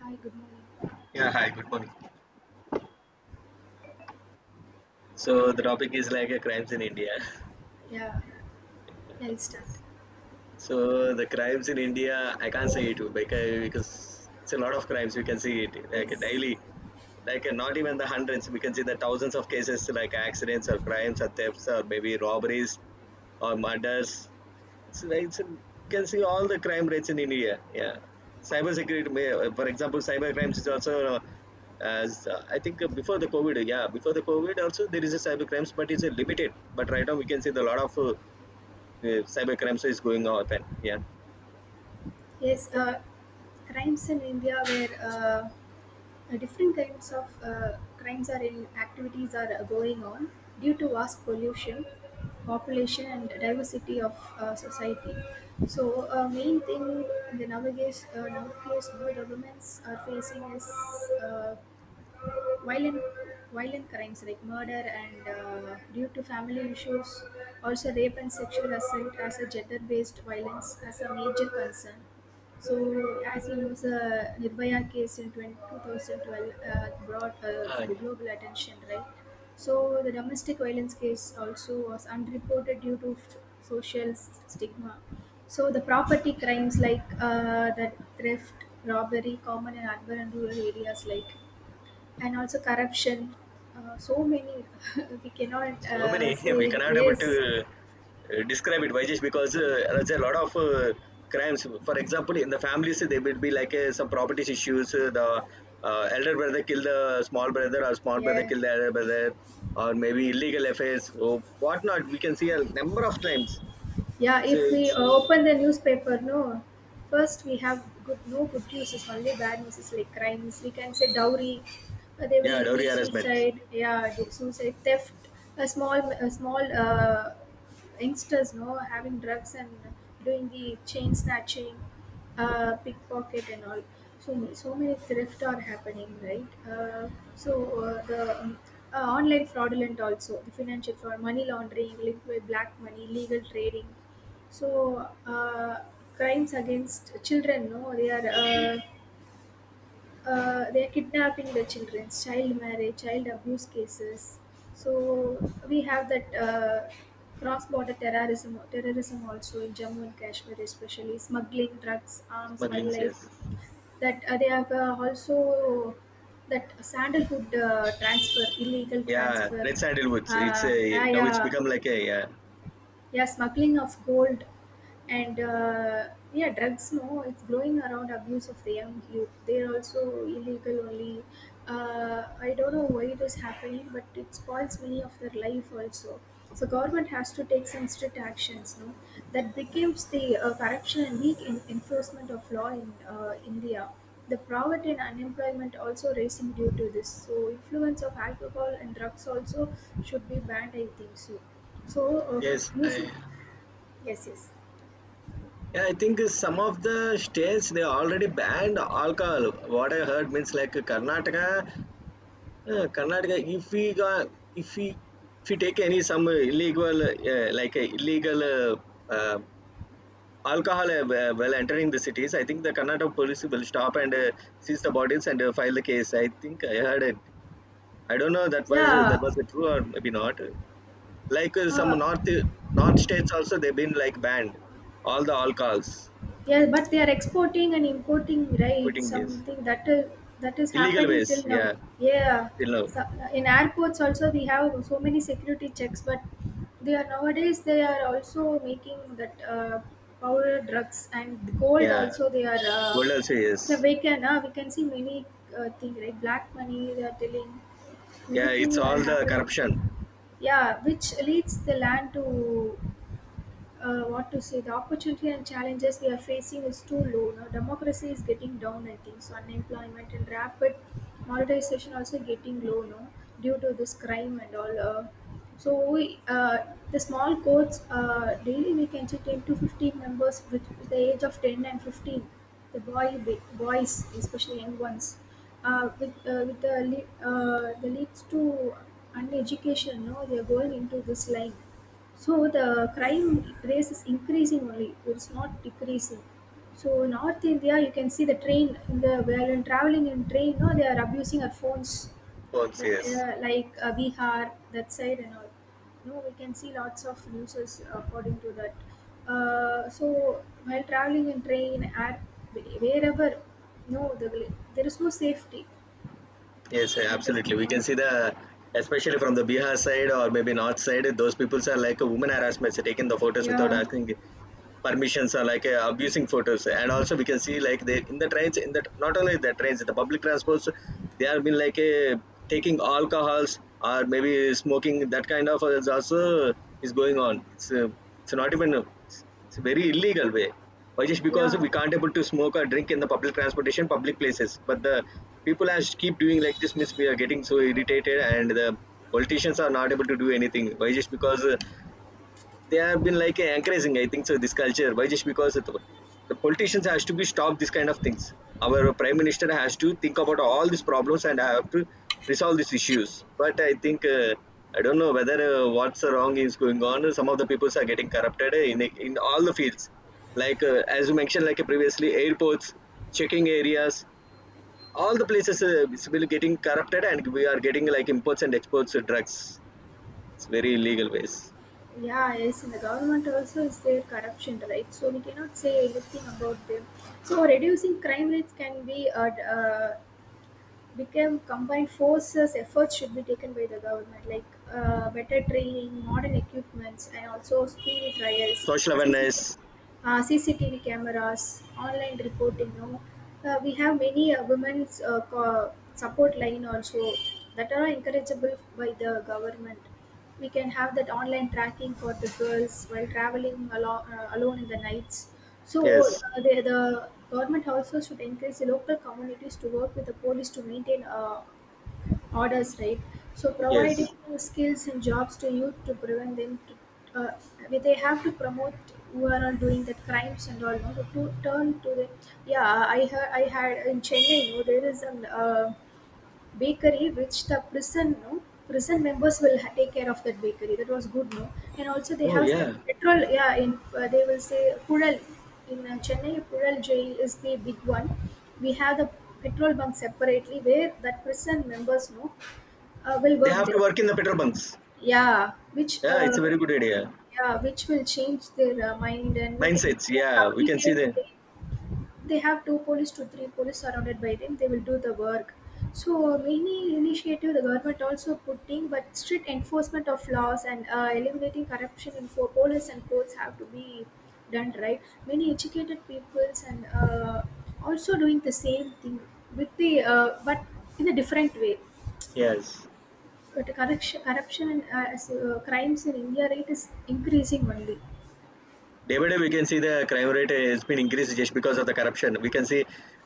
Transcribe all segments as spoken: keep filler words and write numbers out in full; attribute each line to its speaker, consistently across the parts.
Speaker 1: Hi, good morning.
Speaker 2: Yeah, hi, good morning. So the topic is like uh, crimes in India.
Speaker 1: Yeah, yeah, it's done.
Speaker 2: So the crimes in India, I can't say it because because it's a lot of crimes. We can see it like
Speaker 1: Yes,
Speaker 2: daily, like uh, not even the hundreds. We can see the thousands of cases like accidents or crimes or thefts or maybe robberies or murders it's, it's You can see all the crime rates in India. Yeah, cyber security, may- uh, for example, cyber crimes is also uh, as uh, I think uh, before the COVID. Yeah, before the COVID also there is a cyber crimes, but it's uh, limited. But right now we can see the lot of uh, uh, cyber crimes is going on. Yeah.
Speaker 1: yes. Uh, crimes in India, where uh, uh, different kinds of uh, crimes are in activities are uh, going on due to vast pollution, population, and diversity of uh, society. So, uh, main thing the nowadays uh, nowadays the governments are facing is uh, violent violent crimes like murder and uh, due to family issues, also rape and sexual assault as a gender based violence as a major concern. So as you know, the nirbhaya case in twenty two thousand twelve uh, brought uh,
Speaker 2: Uh,
Speaker 1: global attention, right? So the domestic violence case also was unreported due to f- social s- stigma. So the property crimes like uh, the theft, robbery common in urban and rural areas like, and also corruption. Uh, so many, we cannot
Speaker 2: so
Speaker 1: uh,
Speaker 2: many, we
Speaker 1: say.
Speaker 2: cannot able
Speaker 1: Yes,
Speaker 2: to uh, describe it. Why? Just because uh, there's a lot of uh, crimes. For example, in the families, there will be like uh, some property issues. Uh, the uh, elder brother kill the small brother, or small brother
Speaker 1: yeah,
Speaker 2: kill the elder brother, or maybe illegal affairs or whatnot. We can see a number of crimes.
Speaker 1: yeah.
Speaker 2: So
Speaker 1: If we
Speaker 2: it's
Speaker 1: uh, open the newspaper, no. First we have good, no, good news is only, bad news is like crimes. We can say dowry. Uh, they
Speaker 2: Yeah,
Speaker 1: will
Speaker 2: dowry
Speaker 1: make
Speaker 2: harassment,
Speaker 1: suicide. Yeah, do- suicide theft. A small a small. Uh, youngsters, no, having drugs and doing the chain snatching, uh, pickpocket and all, so many, so many thrift are happening, right? uh, so uh, the um, uh, Online fraudulent also, the financial fraud, money laundering linked, black money, illegal trading. So uh, crimes against children, no, they are uh, uh, they are kidnapping the children, child marriage, child abuse cases. So we have that uh, cross-border terrorism, terrorism also in Jammu and Kashmir, especially smuggling drugs, arms,
Speaker 2: smuggling,
Speaker 1: wildlife.
Speaker 2: yes.
Speaker 1: That uh, they have uh, also that sandalwood uh, transfer, illegal
Speaker 2: Yeah,
Speaker 1: transfer,
Speaker 2: red sandalwoods. It's
Speaker 1: uh,
Speaker 2: a now it's
Speaker 1: ayah,
Speaker 2: become like a yeah.
Speaker 1: yeah, smuggling of gold, and uh, yeah, drugs, no, it's growing around abuse of the young youth, they're also illegal only. uh, I don't know why it is happening, but it spoils many of their life also. So government has to take some strict actions, no? That becomes the uh, corruption and weak in- enforcement of law in uh, india. The poverty and unemployment also raising due to this, so influence of alcohol and drugs also should be banned, I think so. So often
Speaker 2: Yes,
Speaker 1: music.
Speaker 2: I,
Speaker 1: Yes, yes.
Speaker 2: yeah, I think some of the states they already banned alcohol. What I heard means like Karnataka, uh, Karnataka. If we got, if we if we take any some illegal uh, like uh, illegal uh, uh, alcohol uh, wh- while entering the cities, I think the Karnataka police will stop and uh, seize the bodies and uh, file the case. I think I heard it. I don't know that was that
Speaker 1: Yeah.
Speaker 2: was true or maybe not. Like uh, some
Speaker 1: uh,
Speaker 2: north north states also they've been like banned all the alcohols.
Speaker 1: yeah, but they are exporting and importing, right?
Speaker 2: Putting this.
Speaker 1: Something that is, that is
Speaker 2: Illegal
Speaker 1: happening
Speaker 2: ways,
Speaker 1: till now.
Speaker 2: yeah.
Speaker 1: Yeah.
Speaker 2: You know,
Speaker 1: So, uh, in airports also we have so many security checks, but they are nowadays, they are also making that uh, powder drugs and gold
Speaker 2: yeah.
Speaker 1: also, they are uh,
Speaker 2: Gold also,
Speaker 1: yeah,
Speaker 2: yes.
Speaker 1: we can uh, we can see many uh, thing, right? Black money, they are telling many
Speaker 2: Yeah, it's
Speaker 1: things
Speaker 2: all
Speaker 1: are
Speaker 2: the
Speaker 1: happening.
Speaker 2: corruption.
Speaker 1: Yeah, which leads the land to uh, what to say, the opportunity and challenges we are facing is too low. Now, democracy is getting down, I think. So, unemployment and rapid monetization also getting low now due to this crime and all. Uh, so, we, uh, the small courts uh, daily we can see ten to fifteen members, with, with the age of 10 and 15, the boy boys, especially young ones. Uh, with, uh, with the, le- uh, the leads to uneducation, no, they are going into this line. So the crime race is increasing only, it's not decreasing. So in North India, you can see the train, in the while in traveling in train, no, they are abusing our phones.
Speaker 2: Works,
Speaker 1: That
Speaker 2: yes.
Speaker 1: uh, like uh, Bihar, that side and all. No, we can see lots of news according to that. Uh, so while traveling in train, air, wherever, no, the, there is no safety.
Speaker 2: Yes,
Speaker 1: That is my
Speaker 2: absolutely. We can
Speaker 1: point.
Speaker 2: see the, especially from the Bihar side or maybe north side, those people are like a woman harassment, so taking the photos without
Speaker 1: Yeah,
Speaker 2: asking permissions are like uh, abusing photos. And also we can see like they in the trains in the not only the trains the public transports they have been like uh, taking alcohols or maybe smoking. That kind of is also is going on. It's uh, it's not even uh, it's, it's a very illegal way. Why? Just because
Speaker 1: yeah.
Speaker 2: we can't able to smoke or drink in the public transportation public places, but the people as keep doing like this means we are getting so irritated. And the politicians are not able to do anything. Why? Just because uh, they have been like encouraging, I think so, this culture. Why just because it, the politicians has to be stop this kind of things. Our prime minister has to think about all these problems and have to resolve these issues. But I think uh, I don't know whether uh, what's wrong is going on. Some of the people are getting corrupted in, in all the fields, like uh, as you mentioned, like uh, previously airports checking areas, all the places uh, is really getting corrupted, and we are getting like imports and exports of drugs. It's very illegal ways.
Speaker 1: Yeah, yes, and the government also is their corruption, right? So we cannot say anything about them. So reducing crime rates can be uh, d- uh, become combined forces. Efforts should be taken by the government, like uh, better training, modern equipments, and also speedy trials,
Speaker 2: Social
Speaker 1: C C T V,
Speaker 2: awareness.
Speaker 1: uh, C C T V cameras, online reporting. No, uh, we have many uh, women's uh, co- support line also, that are encourageable by the government. We can have that online tracking for the girls while traveling alo- uh, alone in the nights. So
Speaker 2: Yes.
Speaker 1: uh, the, the government also should encourage the local communities to work with the police to maintain uh, orders, right? So
Speaker 2: Yes.
Speaker 1: providing skills and jobs to youth to prevent them to, uh, they have to promote who are all doing the crimes and all, no? to, to turn to the, yeah, I heard, I had in Chennai, no, there is an, uh, bakery which the prison, no, prison members will ha- take care of that bakery, that was good, no? And also they
Speaker 2: Oh,
Speaker 1: have the
Speaker 2: yeah.
Speaker 1: petrol, yeah, in uh, they will say pural, in uh, chennai pural jail is the big one. We have the petrol bunk separately where that prison members, no, uh, will
Speaker 2: They
Speaker 1: work
Speaker 2: have to
Speaker 1: there.
Speaker 2: work in the petrol bunks.
Speaker 1: Yeah, which
Speaker 2: Yeah, it's
Speaker 1: uh,
Speaker 2: a very good idea.
Speaker 1: yeah, which will change their uh, mind, and we can,
Speaker 2: Mindsets.
Speaker 1: can
Speaker 2: Yeah, we can see
Speaker 1: communicate
Speaker 2: the.
Speaker 1: with them. They have two police to three police surrounded by them, they will do the work. So many initiative the government also putting, but strict enforcement of laws and uh, eliminating corruption in for police and courts have to be done, right? Many educated peoples and uh, also doing the same thing with the uh, but in a different way.
Speaker 2: Yes.
Speaker 1: But corruption, corruption and uh, as, uh, crimes in india rate is increasing only.
Speaker 2: Day by day, we can see the crime rate has been increased just because of the corruption. We can see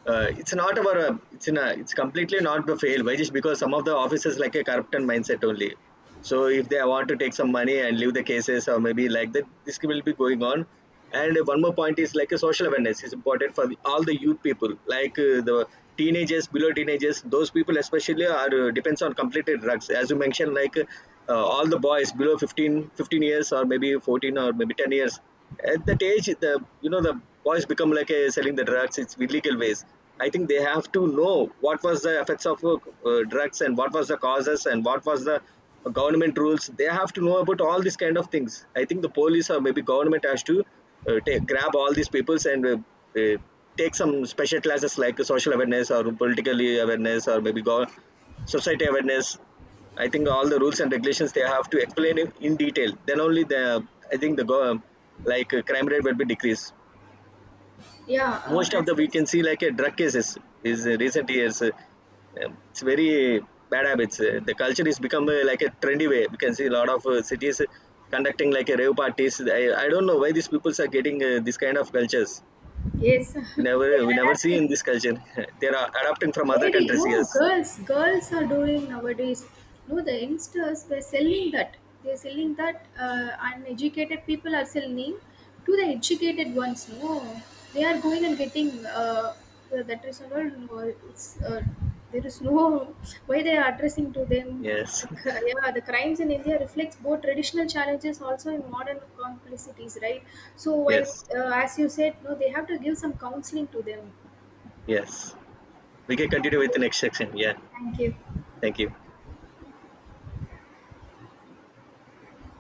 Speaker 2: uh, it's not our uh, it's in a, it's completely not the fail. Why? Just because some of the officers like a corruption mindset only. So if they want to take some money and leave the cases or maybe like that, this will be going on. And one more point is like a social awareness is important for the, all the youth people, like uh, the teenagers, below teenagers. Those people especially are uh, depends on completed drugs. As you mentioned, like uh, all the boys below fifteen, fifteen years or maybe fourteen or maybe ten years. At that age, the you know the boys become like uh, selling the drugs. It's illegal ways. I think they have to know what was the effects of uh, uh, drugs and what was the causes and what was the uh, government rules. They have to know about all these kind of things. I think the police or maybe government has to uh, take, grab all these peoples and uh, uh, take some special classes like social awareness or political awareness or maybe go- society awareness. I think all the rules and regulations they have to explain in in detail. Then only the, I think the go- like uh, crime rate will be decreased.
Speaker 1: yeah uh,
Speaker 2: Most of the
Speaker 1: as
Speaker 2: we can
Speaker 1: is-
Speaker 2: see like a drug cases is uh, recent years uh, um, it's very bad habits. uh, the culture is become uh, like a trendy way. We can see a lot of uh, cities uh, conducting like a rave parties. I, I don't know why these peoples are getting uh, this kind of cultures.
Speaker 1: yes, they
Speaker 2: we never we
Speaker 1: are
Speaker 2: never see
Speaker 1: adapting.
Speaker 2: in this culture. They are adopting from other
Speaker 1: Lady,
Speaker 2: countries.
Speaker 1: no,
Speaker 2: Yes,
Speaker 1: girls, girls are doing nowadays. No, the youngsters, they're selling that. They're selling that. Uh, uneducated people are selling to the educated ones. No, they are going and getting uh, uh, that is all. No, it's uh, there is no, why they are addressing to them.
Speaker 2: yes,
Speaker 1: Like, uh, yeah, the crimes in India reflects both traditional challenges also in modern complexities, right? So,
Speaker 2: yes,
Speaker 1: while, uh, as you said, no, they have to give some counseling to them.
Speaker 2: yes. We can
Speaker 1: Thank
Speaker 2: continue with the
Speaker 1: you.
Speaker 2: next section. Yeah,
Speaker 1: Thank you.
Speaker 2: thank you.